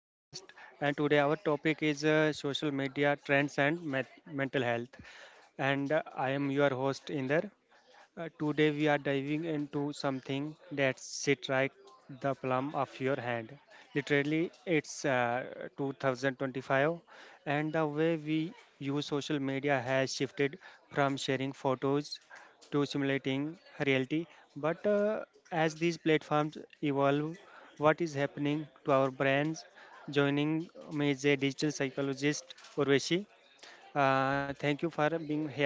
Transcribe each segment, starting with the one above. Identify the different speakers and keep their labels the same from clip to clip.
Speaker 1: podcast. And today our topic is social media trends and mental health. And I am your host Inder. Today we are diving into something that sit right the plum of your hand. Literally, it's 2025, and the way we use social media has shifted from sharing photos to simulating reality. But as these platforms evolve, what is happening to our brains? Joining me is a digital psychologist, Urvashi. Thank you for being here.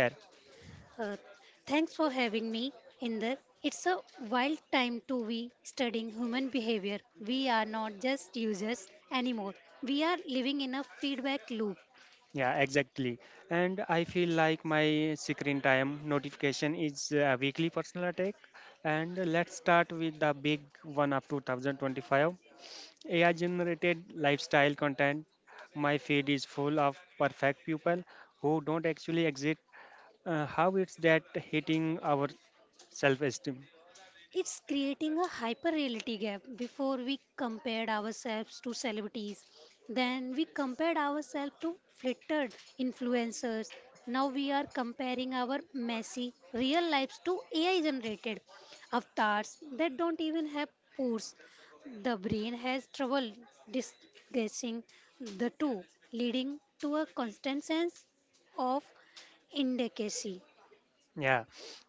Speaker 2: Uh, Thanks for having me, Inder. It's a wild time to be studying human behavior. We are not just users anymore. We are living in a feedback loop.
Speaker 1: Yeah, exactly. And I feel like my screen time notification is a weekly personal attack. And let's start with the big one up to 2025. AI generated lifestyle content. My feed is full of perfect people who don't actually exist. How it's that hitting our self esteem?
Speaker 2: It's creating a hyperreality gap. Before we compared ourselves to celebrities, then we compared ourselves to flittered influencers. Now we are comparing our messy real lives to AI generated avatars that don't even have pores. The brain has trouble distinguishing the two, leading to a constant sense of inadequacy.
Speaker 1: Yeah,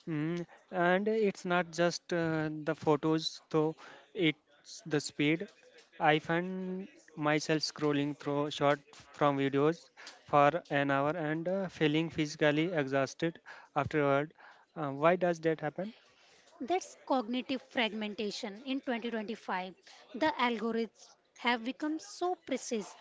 Speaker 1: mm, and it's not just the photos, though, it's the speed. I find myself scrolling through short from videos for an hour and feeling physically exhausted afterward. Why does that happen?
Speaker 2: That's cognitive fragmentation in 2025. The algorithms have become so precise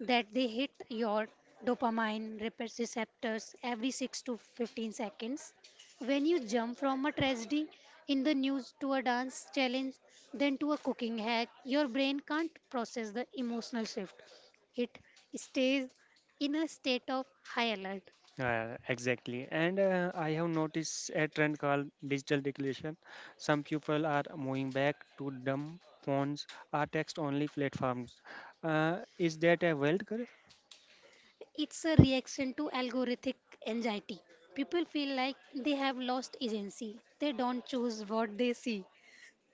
Speaker 2: that they hit your receptors every 6 to 15 seconds. When you jump from a tragedy in the news to a dance challenge, then to a cooking hack, your brain can't process the emotional shift. It stays in a state of high alert.
Speaker 1: Exactly. And I have noticed a trend called digital declaration. Some people are moving back to dumb phones or text only platforms. Is that a wealth curve?
Speaker 2: It's a reaction to algorithmic anxiety. People feel like they have lost agency. They don't choose what they see.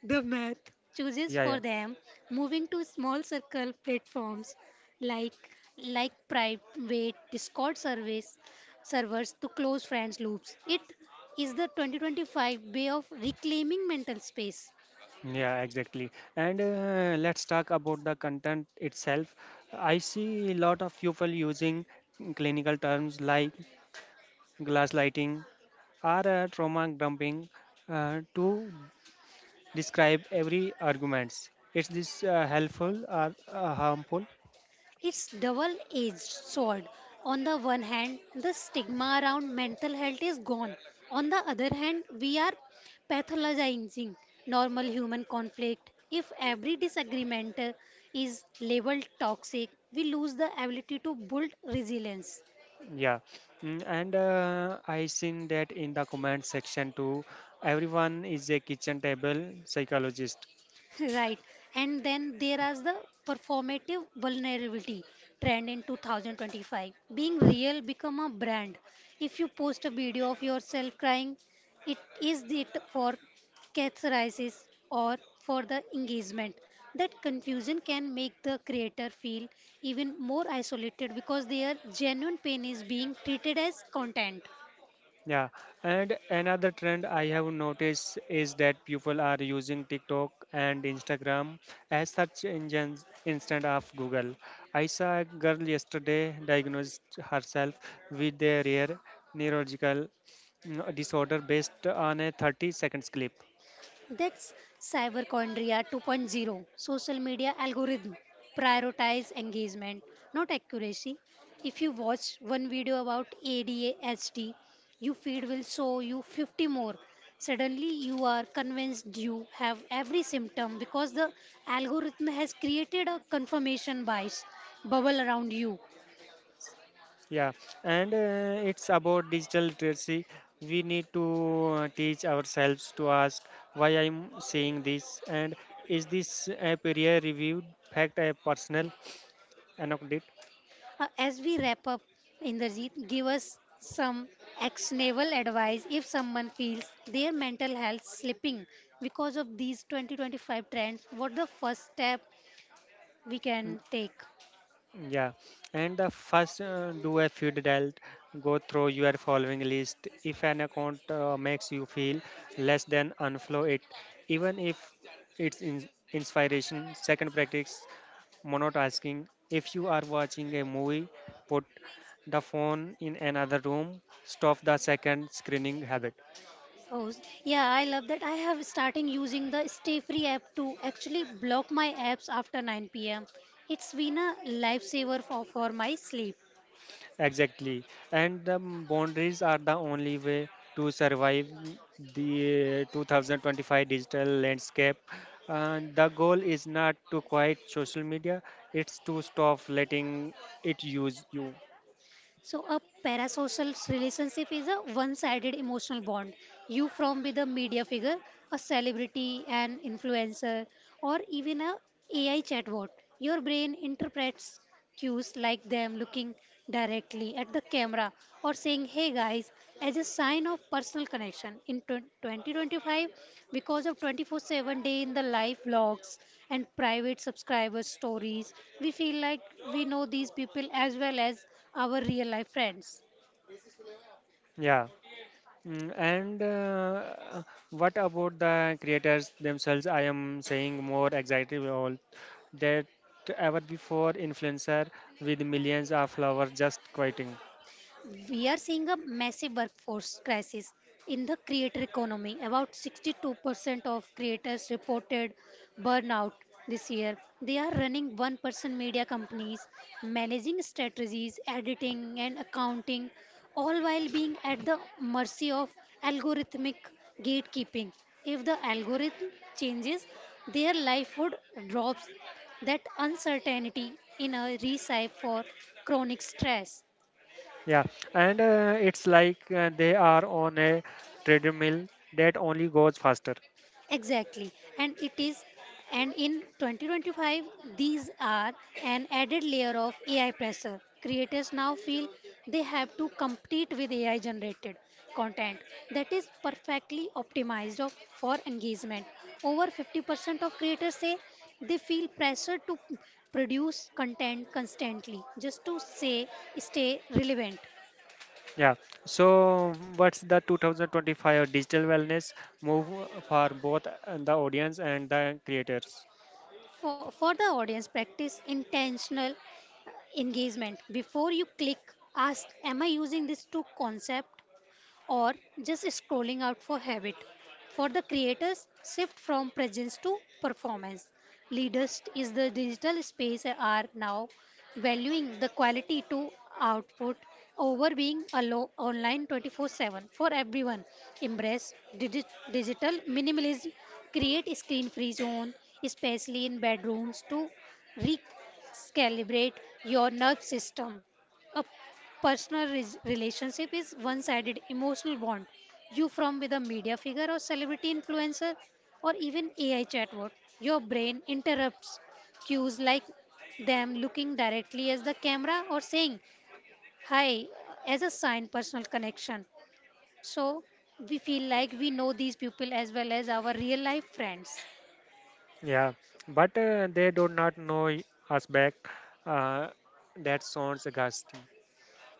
Speaker 2: The math chooses
Speaker 1: Yeah, yeah.
Speaker 2: for them, moving to small circle platforms like like private Discord service servers to close friends loops. It is the 2025 way of reclaiming mental space.
Speaker 1: Yeah, exactly. And let's talk about the content itself. I see a lot of people using clinical terms like glass lighting or trauma dumping to describe every arguments. Is this helpful or harmful?
Speaker 2: It's double-edged sword. On the one hand, the stigma around mental health is gone. On the other hand, we are pathologizing normal human conflict. If every disagreement is labeled toxic, we lose the ability to build resilience.
Speaker 1: Yeah. And I seen that in the comment section too. Everyone is a kitchen table psychologist.
Speaker 2: Right. And then there is the performative vulnerability trend in 2025. Being real become a brand. If you post a video of yourself crying, it is it for catharsis or for the engagement. That confusion can make the creator feel even more isolated because their genuine pain is being treated as content.
Speaker 1: Yeah, and another trend I have noticed is that people are using TikTok and Instagram as search engines instead of Google. I saw a girl yesterday diagnosed herself with a rare neurological disorder based on a 30 seconds clip.
Speaker 2: That's Cyberchondria 2.0. Social media algorithm prioritize engagement, not accuracy. If you watch one video about ADHD, your feed will show you 50 more. Suddenly, you are convinced you have every symptom because the algorithm has created a confirmation bias bubble around you.
Speaker 1: Yeah, and it's about digital literacy. We need to teach ourselves to ask why I'm saying this and is this a peer reviewed fact, a personal anecdote?
Speaker 2: As we wrap up, Inderjeet, give us some actionable advice if someone feels their mental health slipping because of these 2025 trends. What the first step we can take?
Speaker 1: Yeah, and the first do a feed dialed, go through your following list. If an account makes you feel less than, unfollow it, even if it's inspiration. Second, practice Monot asking if you are watching a movie, put the phone in another room, stop the second screening habit.
Speaker 2: Oh, yeah, I love that. I have starting using the Stay Free app to actually block my apps after 9 p.m. It's been a lifesaver for my sleep.
Speaker 1: Exactly. And the boundaries are the only way to survive the 2025 digital landscape. And the goal is not to quiet social media, it's to stop letting it use you.
Speaker 2: So a parasocial relationship is a one-sided emotional bond. You from with a media figure, a celebrity, an influencer, or even a AI chatbot. Your brain interprets cues like them looking directly at the camera or saying hey guys as a sign of personal connection in 2025 because of 24/7 day in the live blogs and private subscriber stories we feel like we know these people as well as our real life friends.
Speaker 1: Yeah. And what about the creators themselves? I am saying more exactly all that ever before influencer with millions of followers just quitting.
Speaker 2: We are seeing a massive workforce crisis in the creator economy. About 62% of creators reported burnout this year. They are running one person media companies, managing strategies, editing, and accounting, all while being at the mercy of algorithmic gatekeeping. If the algorithm changes, their livelihood drops. That uncertainty in a recipe for chronic stress.
Speaker 1: Yeah, and it's like they are on a treadmill that only goes faster.
Speaker 2: Exactly, and it is, and in 2025, these are an added layer of AI pressure. Creators now feel they have to compete with AI generated content that is perfectly optimized for engagement. Over 50% of creators say they feel pressure to produce content constantly just to say stay relevant.
Speaker 1: Yeah. So what's the 2025 digital wellness move for both the audience and the creators?
Speaker 2: For the audience, practice intentional engagement. Before you click, ask am I using this to concept? Or just scrolling out for habit. For the creators, shift from presence to performance. Leaders is the digital space are now valuing the quality to output over being alone online 24/7 for everyone. Embrace digital minimalism. Create screen-free zone, especially in bedrooms, to recalibrate your nerve system. A personal relationship is one sided emotional bond. You from with a media figure or celebrity influencer or even AI chatbot. Your brain interrupts cues like them looking directly at the camera or saying hi as a sign personal connection. So we feel like we know these people as well as our real life friends.
Speaker 1: Yeah, but they do not know us back. Uh, that sounds ghastly.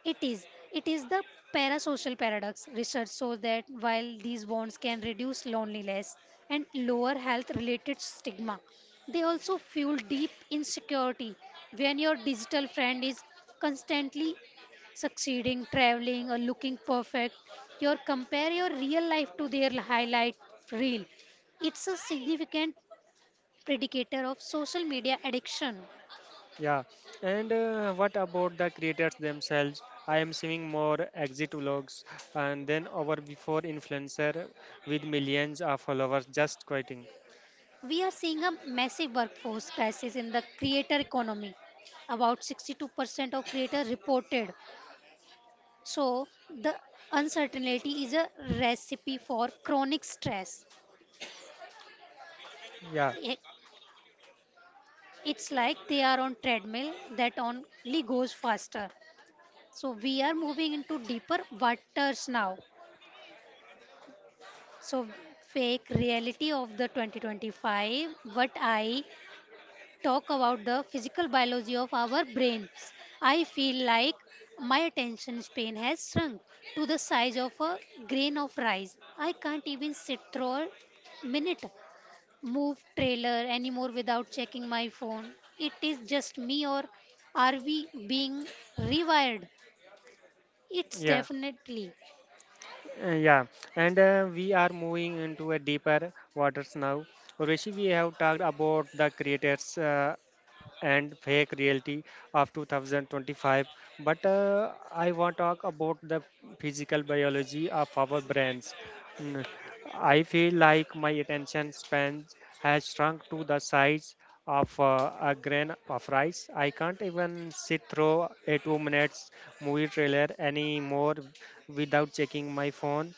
Speaker 2: It is. It is the parasocial paradox. Research shows that while these bonds can reduce loneliness and lower health related stigma, they also fuel deep insecurity. When your digital friend is constantly succeeding, traveling, or looking perfect, you compare your real life to their highlight reel. It's a significant predictor of social media addiction.
Speaker 1: Yeah, and what about the creators themselves? I am seeing more exit vlogs and then over before influencer with millions of followers just quitting.
Speaker 2: We are seeing a massive workforce crisis in the creator economy. About 62% of creators reported. So, the uncertainty is a recipe for chronic stress.
Speaker 1: Yeah,
Speaker 2: It- It's like they are on treadmill that only goes faster. So, we are moving into deeper waters now. So, fake reality of the 2025 what I talk about the physical biology of our brains, I feel like my attention span has shrunk to the size of a grain of rice. I can't even sit through a minute move trailer anymore without checking my phone. It is just me, or are we being rewired? It's
Speaker 1: yeah,
Speaker 2: definitely
Speaker 1: yeah. And we are moving into a deeper waters now. Rishi, we have talked about the creators and fake reality of 2025, but I want to talk about the physical biology of our brains. Mm, I feel like my attention span has shrunk to the size of a grain of rice. I can't even sit through a 2 minutes movie trailer anymore without checking my phone.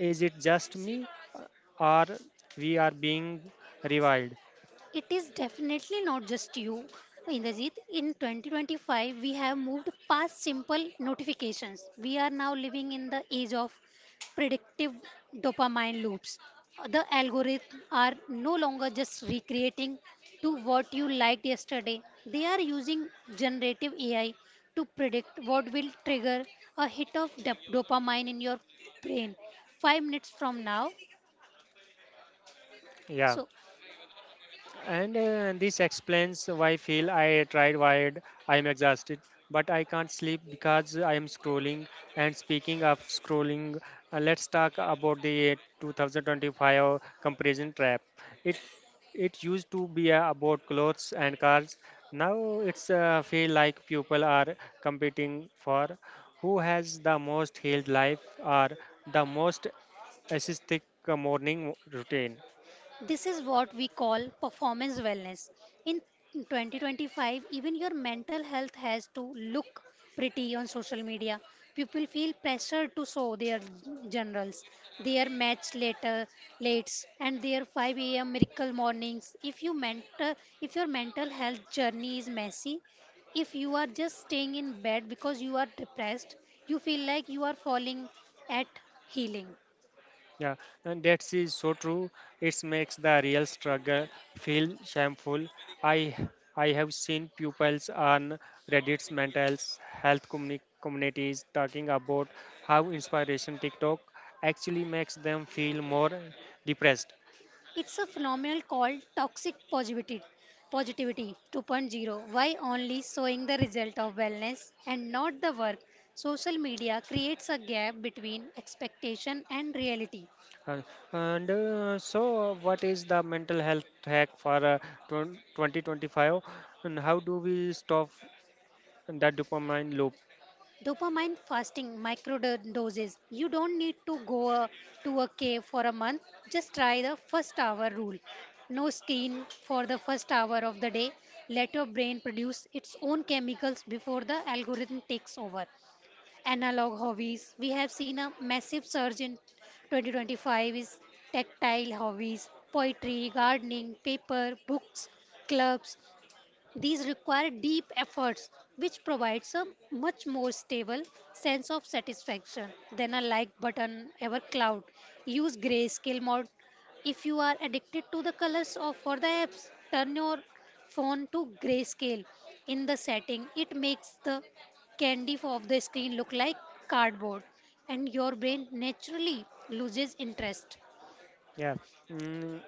Speaker 1: Is it just me, uh, or we are being reviled?
Speaker 2: It is definitely not just you, Indrajit. In 2025, we have moved past simple notifications. We are now living in the age of predictive dopamine loops. The algorithms are no longer just recreating to what you liked yesterday. They are using generative AI to predict what will trigger a hit of dopamine in your brain 5 minutes from now.
Speaker 1: Yeah.
Speaker 2: So
Speaker 1: And this explains why feel I tried wired, I am exhausted, but I can't sleep because I am scrolling. And speaking of scrolling, let's talk about the 2025 comparison trap. It it used to be about clothes and cars. Now it's feel like people are competing for who has the most healed life or the most aesthetic morning routine.
Speaker 2: this is what we call performance wellness. In 2025, even your mental health has to look pretty on social media. People feel pressured to show their generals, their match later lates, and their 5 a.m. miracle mornings. If your mental health journey is messy, if you are just staying in bed because you are depressed, you feel like you are falling at healing.
Speaker 1: Yeah, and that is so true. It makes the real struggle feel shameful. I I have seen pupils on Reddit's mental health communities talking about how inspiration TikTok actually makes them feel more depressed.
Speaker 2: It's a phenomenon called toxic positivity 2.0. Why only showing the result of wellness and not the work? Social media creates a gap between expectation and reality.
Speaker 1: Uh, and so, what is the mental health hack for 2025? And how do we stop the dopamine loop?
Speaker 2: Dopamine fasting doses. You don't need to to a cave for a month. Just try the first hour rule. No screen for the first hour of the day. Let your brain produce its own chemicals before the algorithm takes over. Analog hobbies. We have seen a massive surge in 2025 is tactile hobbies, poetry, gardening, paper, books, clubs, these require deep efforts, which provides a much more stable sense of satisfaction than a like button ever cloud. Use grayscale mode if you are addicted to the colors of for the apps. Turn your phone to grayscale in the setting. It makes the candy of the screen look like cardboard, and your brain naturally loses interest.
Speaker 1: Yeah. Mm,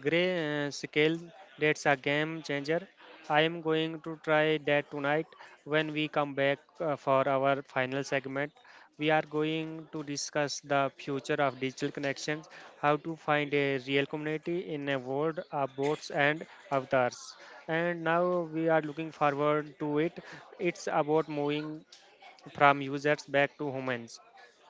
Speaker 1: Gray Scale, that's a game changer. I am going to try that tonight when we come back for our final segment. We are going to discuss the future of digital connections, how to find a real community in a world of bots and avatars. And now we are looking forward to it. It's about moving from users back to humans.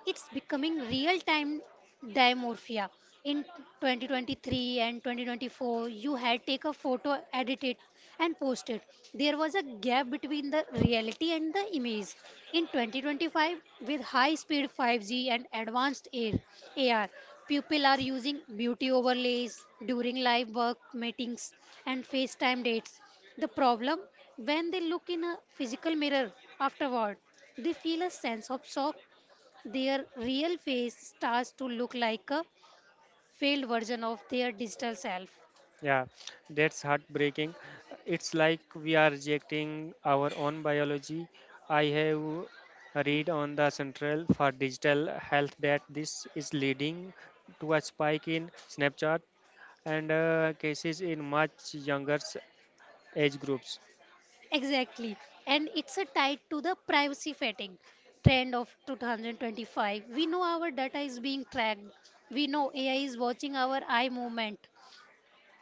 Speaker 2: It's becoming real time dimorphia. In 2023 and 2024, you had take a photo, edit it, and post it. There was a gap between the reality and the image. In 2025, with high speed 5G and advanced AR, people are using beauty overlays during live work meetings and FaceTime dates. The problem when they look in a physical mirror afterward, they feel a sense of shock their real face starts to look like a failed version of their digital self.
Speaker 1: Yeah, that's heartbreaking. It's like we are rejecting our own biology. I have read on the Central for Digital Health that this is leading to a spike in Snapchat and cases in much younger age groups.
Speaker 2: Exactly. And it's a tied to the privacy fatigue trend of 2025. We know our data is being tracked. We know AI is watching our eye movement.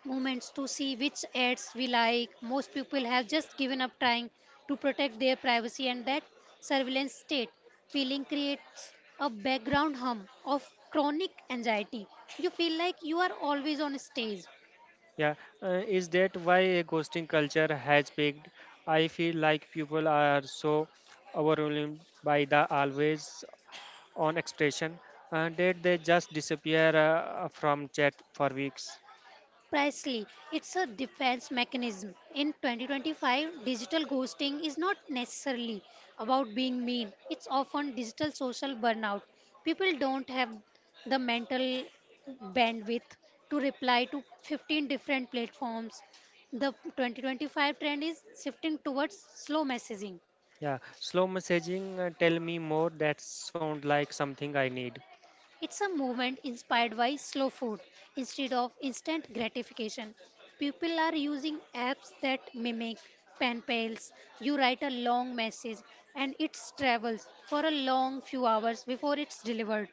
Speaker 2: Moments to see which ads we like. Most people have just given up trying to protect their privacy and that surveillance state feeling creates a background hum of chronic anxiety. You feel like you are always on stage.
Speaker 1: Yeah, is that why ghosting culture has peaked? I feel like people are so overwhelmed by the always on expression. Did they just disappear from chat for weeks?
Speaker 2: Precisely, it's a defense mechanism. In 2025, digital ghosting is not necessarily about being mean, it's often digital social burnout. People don't have the mental bandwidth to reply to 15 different platforms. The 2025 trend is shifting towards slow messaging.
Speaker 1: Yeah, slow messaging, tell me more, that sound like something I need.
Speaker 2: It's a movement inspired by slow food instead of instant gratification. People are using apps that mimic pen pals. You write a long message and it travels for a long few hours before it's delivered.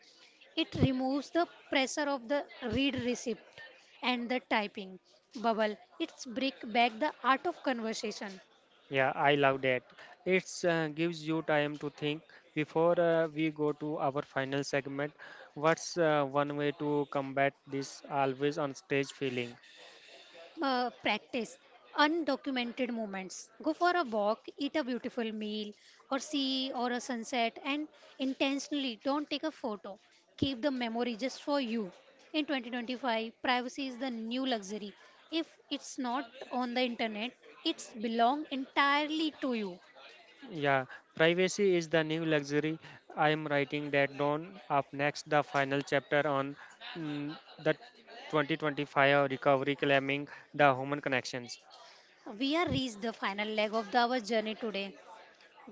Speaker 2: It removes the pressure of the read receipt and the typing bubble. It's break back the art of conversation.
Speaker 1: Yeah, I love that. It gives you time to think before we go to our final segment. What's one way to combat this always on stage feeling?
Speaker 2: Practice undocumented moments. Go for a walk, eat a beautiful meal, or see or a sunset, and intentionally don't take a photo. Keep the memory just for you. In 2025, privacy is the new luxury. If it's not on the internet, it's belong entirely to you.
Speaker 1: Yeah, privacy is the new luxury. I am writing that down. Up next, the final chapter on the 2025 recovery claiming the human connections.
Speaker 2: We have reached the final leg of our journey today.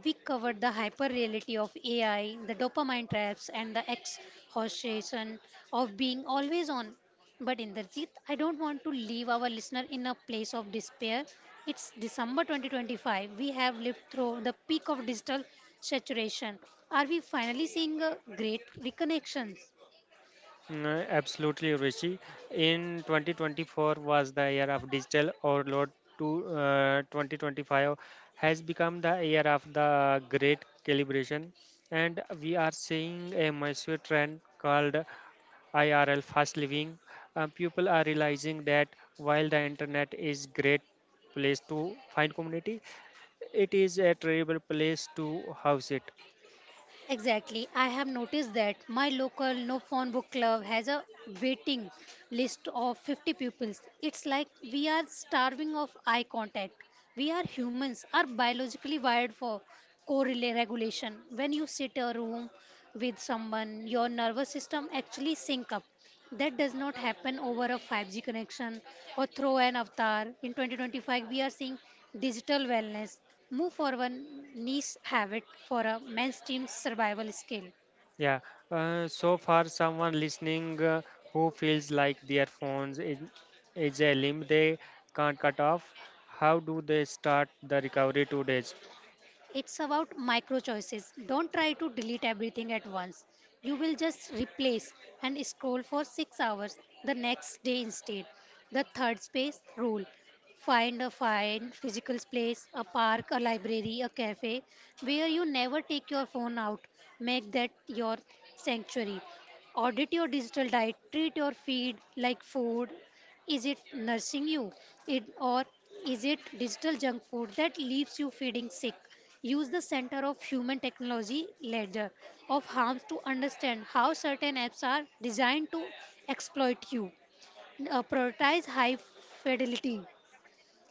Speaker 2: We covered the hyper reality of AI, the dopamine traps, and the exhaustion of being always on. But Inderjeet, I don't want to leave our listener in a place of despair. It's December 2025. We have lived through the peak of digital saturation. Are we finally seeing a great reconnection?
Speaker 1: Absolutely, Rishi. In 2024 was the year of digital overload. To 2025 has become the year of the great calibration, and we are seeing a massive trend called IRL, fast living, people are realizing that while the internet is great place to find community, it is a terrible place to house it.
Speaker 2: Exactly. I have noticed that my local no phone book club has a waiting list of 50 pupils. It's like we are starving of eye contact. We are humans, are biologically wired for correlation. Regulation. When you sit a room with someone, your nervous system actually sync up that does not happen over a 5G connection or through an avatar. In 2025, we are seeing digital wellness move for one niche habit for a mainstream survival skill.
Speaker 1: Yeah. So far, someone listening who feels like their phones is a limb they can't cut off, how do they start the recovery 2 days?
Speaker 2: It's about micro choices. Don't try to delete everything at once. You will just replace and scroll for 6 hours the next day instead. The third space rule. Find a fine physical place, a park, a library, a cafe where you never take your phone out. Make that your sanctuary. Audit your digital diet. Treat your feed like food is it nursing you? It, or is it digital junk food that leaves you feeding sick? Use the Center of Human Technology ledger of harms to understand how certain apps are designed to exploit you. Prioritize high fidelity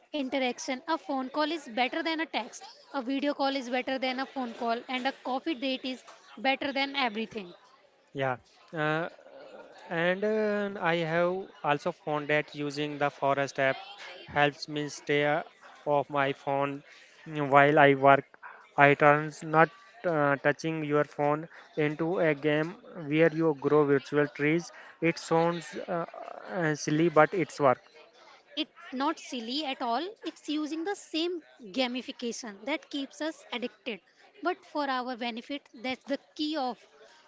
Speaker 2: interaction. A phone call is better than a text, a video call is better than a phone call, and a coffee date is better than everything.
Speaker 1: Yeah. Uh, And I have also found that using the Forest app helps me stay off my phone while I work. I turns not touching your phone into a game where you grow virtual trees. It sounds silly, but it's work.
Speaker 2: It's not silly at all. It's using the same gamification that keeps us addicted, but for our benefit. That's the key of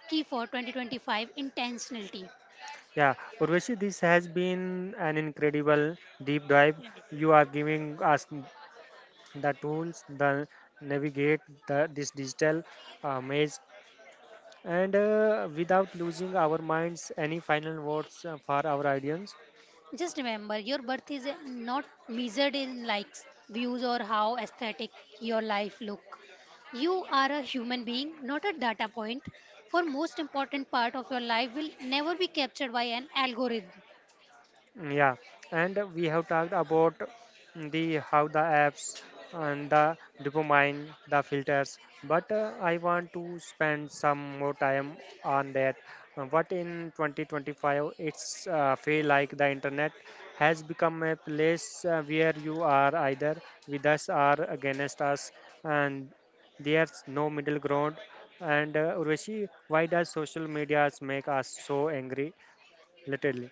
Speaker 2: key for 2025 intentionality.
Speaker 1: Yeah, Urvashi, this has been an incredible deep dive. You are giving us the tools, the navigate this digital maze. And without losing our minds, any final words for our audience?
Speaker 2: Just remember, your birth is not measured in likes, views, or how aesthetic your life look. You are a human being, not a data point. For most important part of your life will never be captured by an algorithm.
Speaker 1: Yeah, and we have talked about the how the apps and the dopamine, the filters. But I want to spend some more time on that. What in 2025, it's feel like the internet has become a place where you are either with us or against us, and there's no middle ground. And Urvashi, why does social medias make us so angry, literally?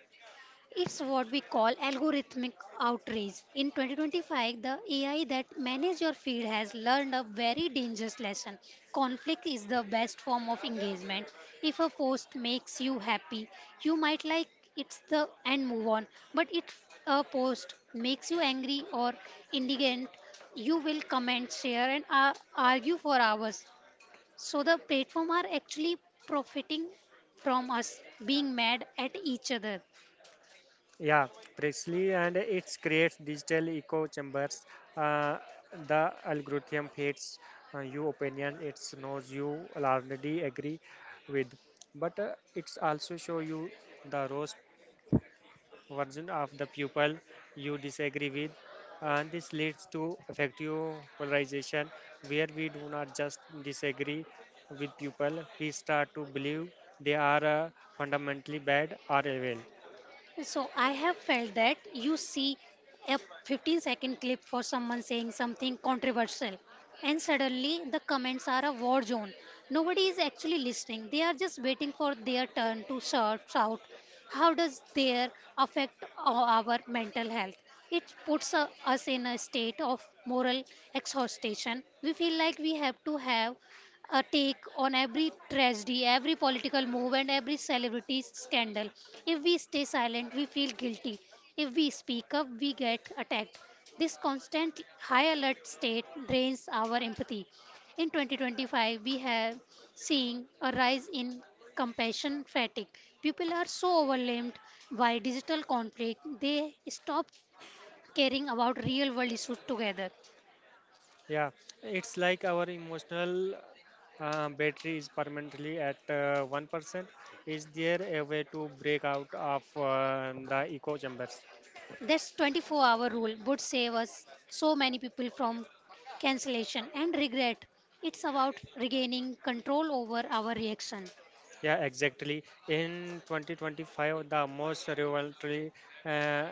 Speaker 2: It's what we call algorithmic outrage. In 2025, the AI that manages your feed has learned a very dangerous lesson. Conflict is the best form of engagement. If a post makes you happy, you might like it's the and move on. But if a post makes you angry or indignant, you will comment, share, and argue for hours. So the platform are actually profiting from us being mad at each other.
Speaker 1: Yeah, precisely, and it creates digital echo chambers. Uh, the algorithm hates your opinion; it knows you already agree with, but it's also show you the roast version of the people you disagree with, and this leads to effective polarization, where we do not just disagree with people; we start to believe they are fundamentally bad or evil.
Speaker 2: So I have felt that you see a 15-second clip for someone saying something controversial and suddenly the comments are a war zone. Nobody is actually listening. They are just waiting for their turn to shout. How does their affect our mental health? It puts us in a state of moral exhaustion. We feel like we have to have a take on every tragedy, every political move, and every celebrity scandal. If we stay silent, we feel guilty. If we speak up, we get attacked. This constant high alert state drains our empathy. In 2025, we have seen a rise in compassion fatigue. People are so overwhelmed by digital conflict, they stop caring about real world issues together.
Speaker 1: Yeah, it's like our emotional battery is permanently at 1%. Is there a way to break out of the echo chambers?
Speaker 2: This 24-hour rule would save us so many people from cancellation and regret. It's about regaining control over our reaction.
Speaker 1: Yeah, exactly. In 2025, the most revolutionary uh,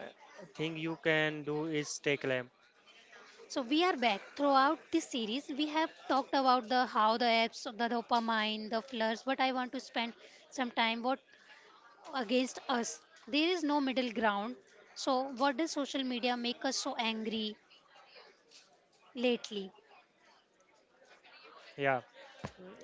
Speaker 1: thing you can do is take claim.
Speaker 2: So we are back. Throughout this series, we have talked about the how the apps, the dopamine, the flirts, but I want to spend some time what against us. There is no middle ground. So what does social media make us so angry lately?
Speaker 1: Yeah,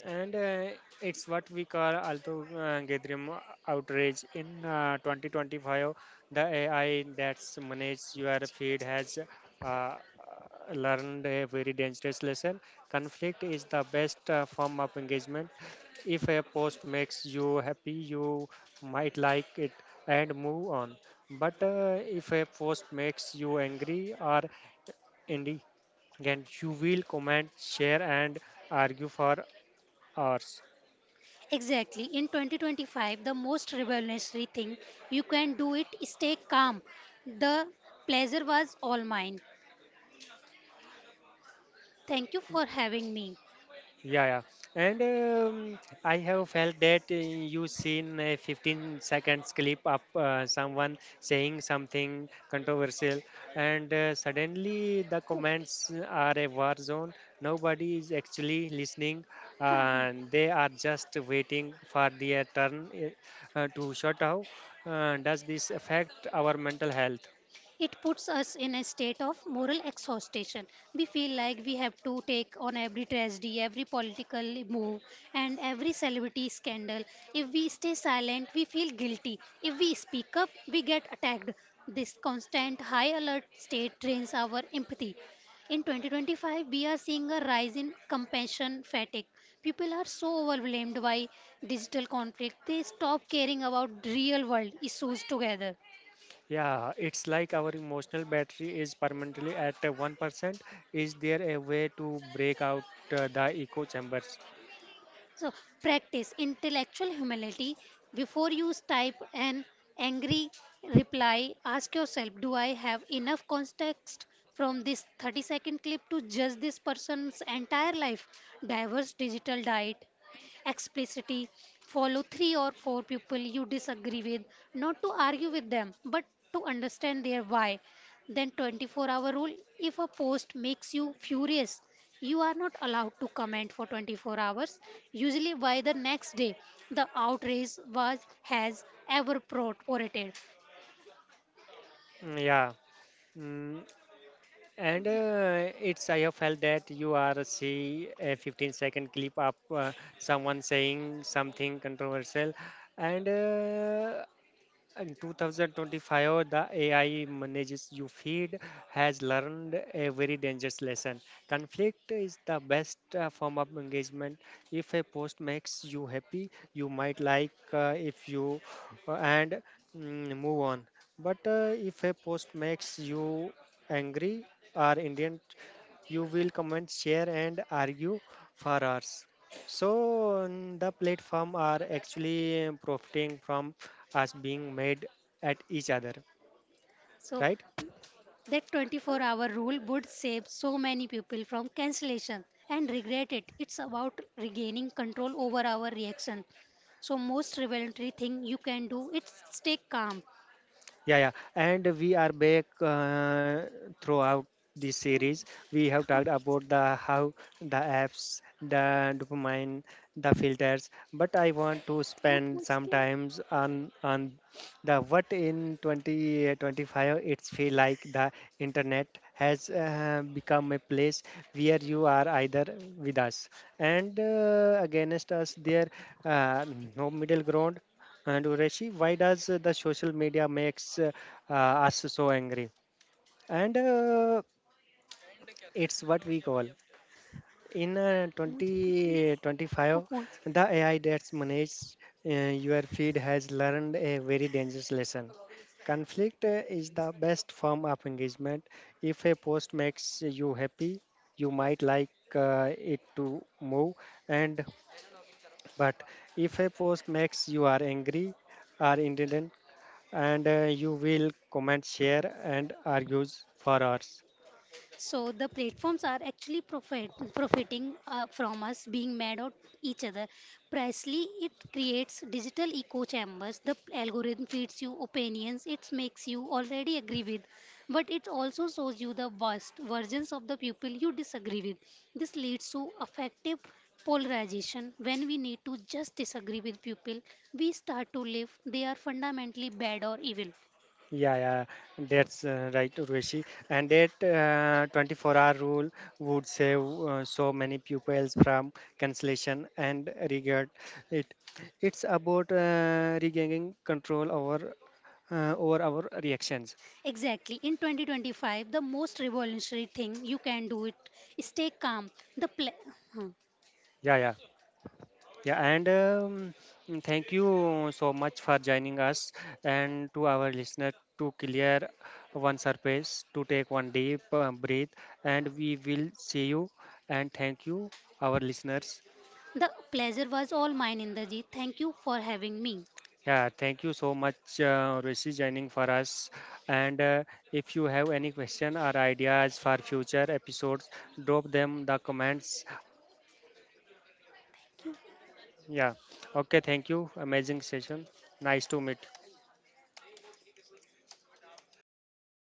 Speaker 1: and it's what we call Alto Gathering outrage. In 2025, the AI that manages your feed has uh, learned a very dangerous lesson. Conflict is the best form of engagement. If a post makes you happy, you might like it and move on. But if a post makes you angry or indignant, you will comment, share, and argue for hours.
Speaker 2: Exactly. In 2025, the most revolutionary thing you can do it is stay calm. The pleasure was all mine. Thank you for having me.
Speaker 1: Yeah, yeah. And I have felt that you seen a 15 seconds clip of someone saying something controversial, and suddenly the comments are a war zone. Nobody is actually listening,
Speaker 2: Oh,
Speaker 1: and they are just waiting for their turn to shut out. Does this affect our mental health?
Speaker 2: It puts us in a state of moral exhaustion. We feel like we have to take on every tragedy, every political move, and every celebrity scandal. If we stay silent, we feel guilty. If we speak up, we get attacked. This constant high alert state drains our empathy. In 2025, we are seeing a rise in compassion fatigue. People are so overwhelmed by digital conflict, they stop caring about real world issues together.
Speaker 1: Yeah, it's like our emotional battery is permanently at 1%. Is there a way to break out the echo chambers?
Speaker 2: So practice intellectual humility. Before you type an angry reply, ask yourself, do I have enough context from this 30-second clip to judge this person's entire life? Diverse digital diet, explicitity, follow three or four people you disagree with, not to argue with them, but to understand their why. Then 24-hour rule, if a post makes you furious, you are not allowed to comment for 24 hours, usually by the next day. The outrage was has evaporated.
Speaker 1: Yeah. Mm, and it's I have felt that you are see a 15-second clip of someone saying something controversial, and in 2025, the AI manages you feed has learned a very dangerous lesson. Conflict is the best form of engagement. If a post makes you happy, you might like if you and move on. But if a post makes you angry, or indignant you will comment, share, and argue for hours. So the platform are actually profiting from us being made at each other,
Speaker 2: So
Speaker 1: right?
Speaker 2: that 24-hour rule would save so many people from cancellation and regret it. It's about regaining control over our reaction. So most revelatory thing you can do is stay calm.
Speaker 1: Yeah, yeah. And we are back throughout this series. We have
Speaker 2: कहाँ
Speaker 1: talked about the how the apps, the dopamine, the filters. But I want to
Speaker 2: कहाँ
Speaker 1: spend
Speaker 2: पहुंच
Speaker 1: some
Speaker 2: गए
Speaker 1: times on the what in 2025 it's feel like the internet has become a place where you are either with us and against us, there uh, no middle ground. And Ureshi, why does the social media makes uh, us so angry? And it's what we call in
Speaker 2: मुझे पता ही नहीं कहाँ
Speaker 1: 2025,
Speaker 2: पहुंच
Speaker 1: the AI that's managed your feed has learned a very dangerous lesson. Conflict is the best form of engagement. If a post makes you happy, you might like it to move, and but if a post makes you are angry, are indignant and you will comment, share, and argues for hours.
Speaker 2: So the platforms are actually profiting from us being mad at each other. Precisely, it creates digital echo chambers. The algorithm feeds you opinions it makes you already agree with, but it also shows you the worst versions of the people you disagree with. This leads to affective polarization when we need to just disagree with people we start to live they are fundamentally bad or evil.
Speaker 1: Yeah, yeah, that's right, Urvashi. And that 24-hour rule would save so many pupils from cancellation and regret. It it's about regaining control over our reactions.
Speaker 2: Exactly. In 2025, the most revolutionary thing you can do it is stay calm. The huh.
Speaker 1: Yeah, yeah. Yeah, and thank you so much for joining us and to our listener to clear one surface, to take one deep breath, and we will see you. And thank you, our listeners.
Speaker 2: The pleasure was all mine, Inderji. Thank you for having me.
Speaker 1: Yeah, thank you so much, Rishi, joining for us. And if you have any question or ideas for future episodes, drop them the comments. Yeah. Okay. Thank you. Amazing session. Nice to meet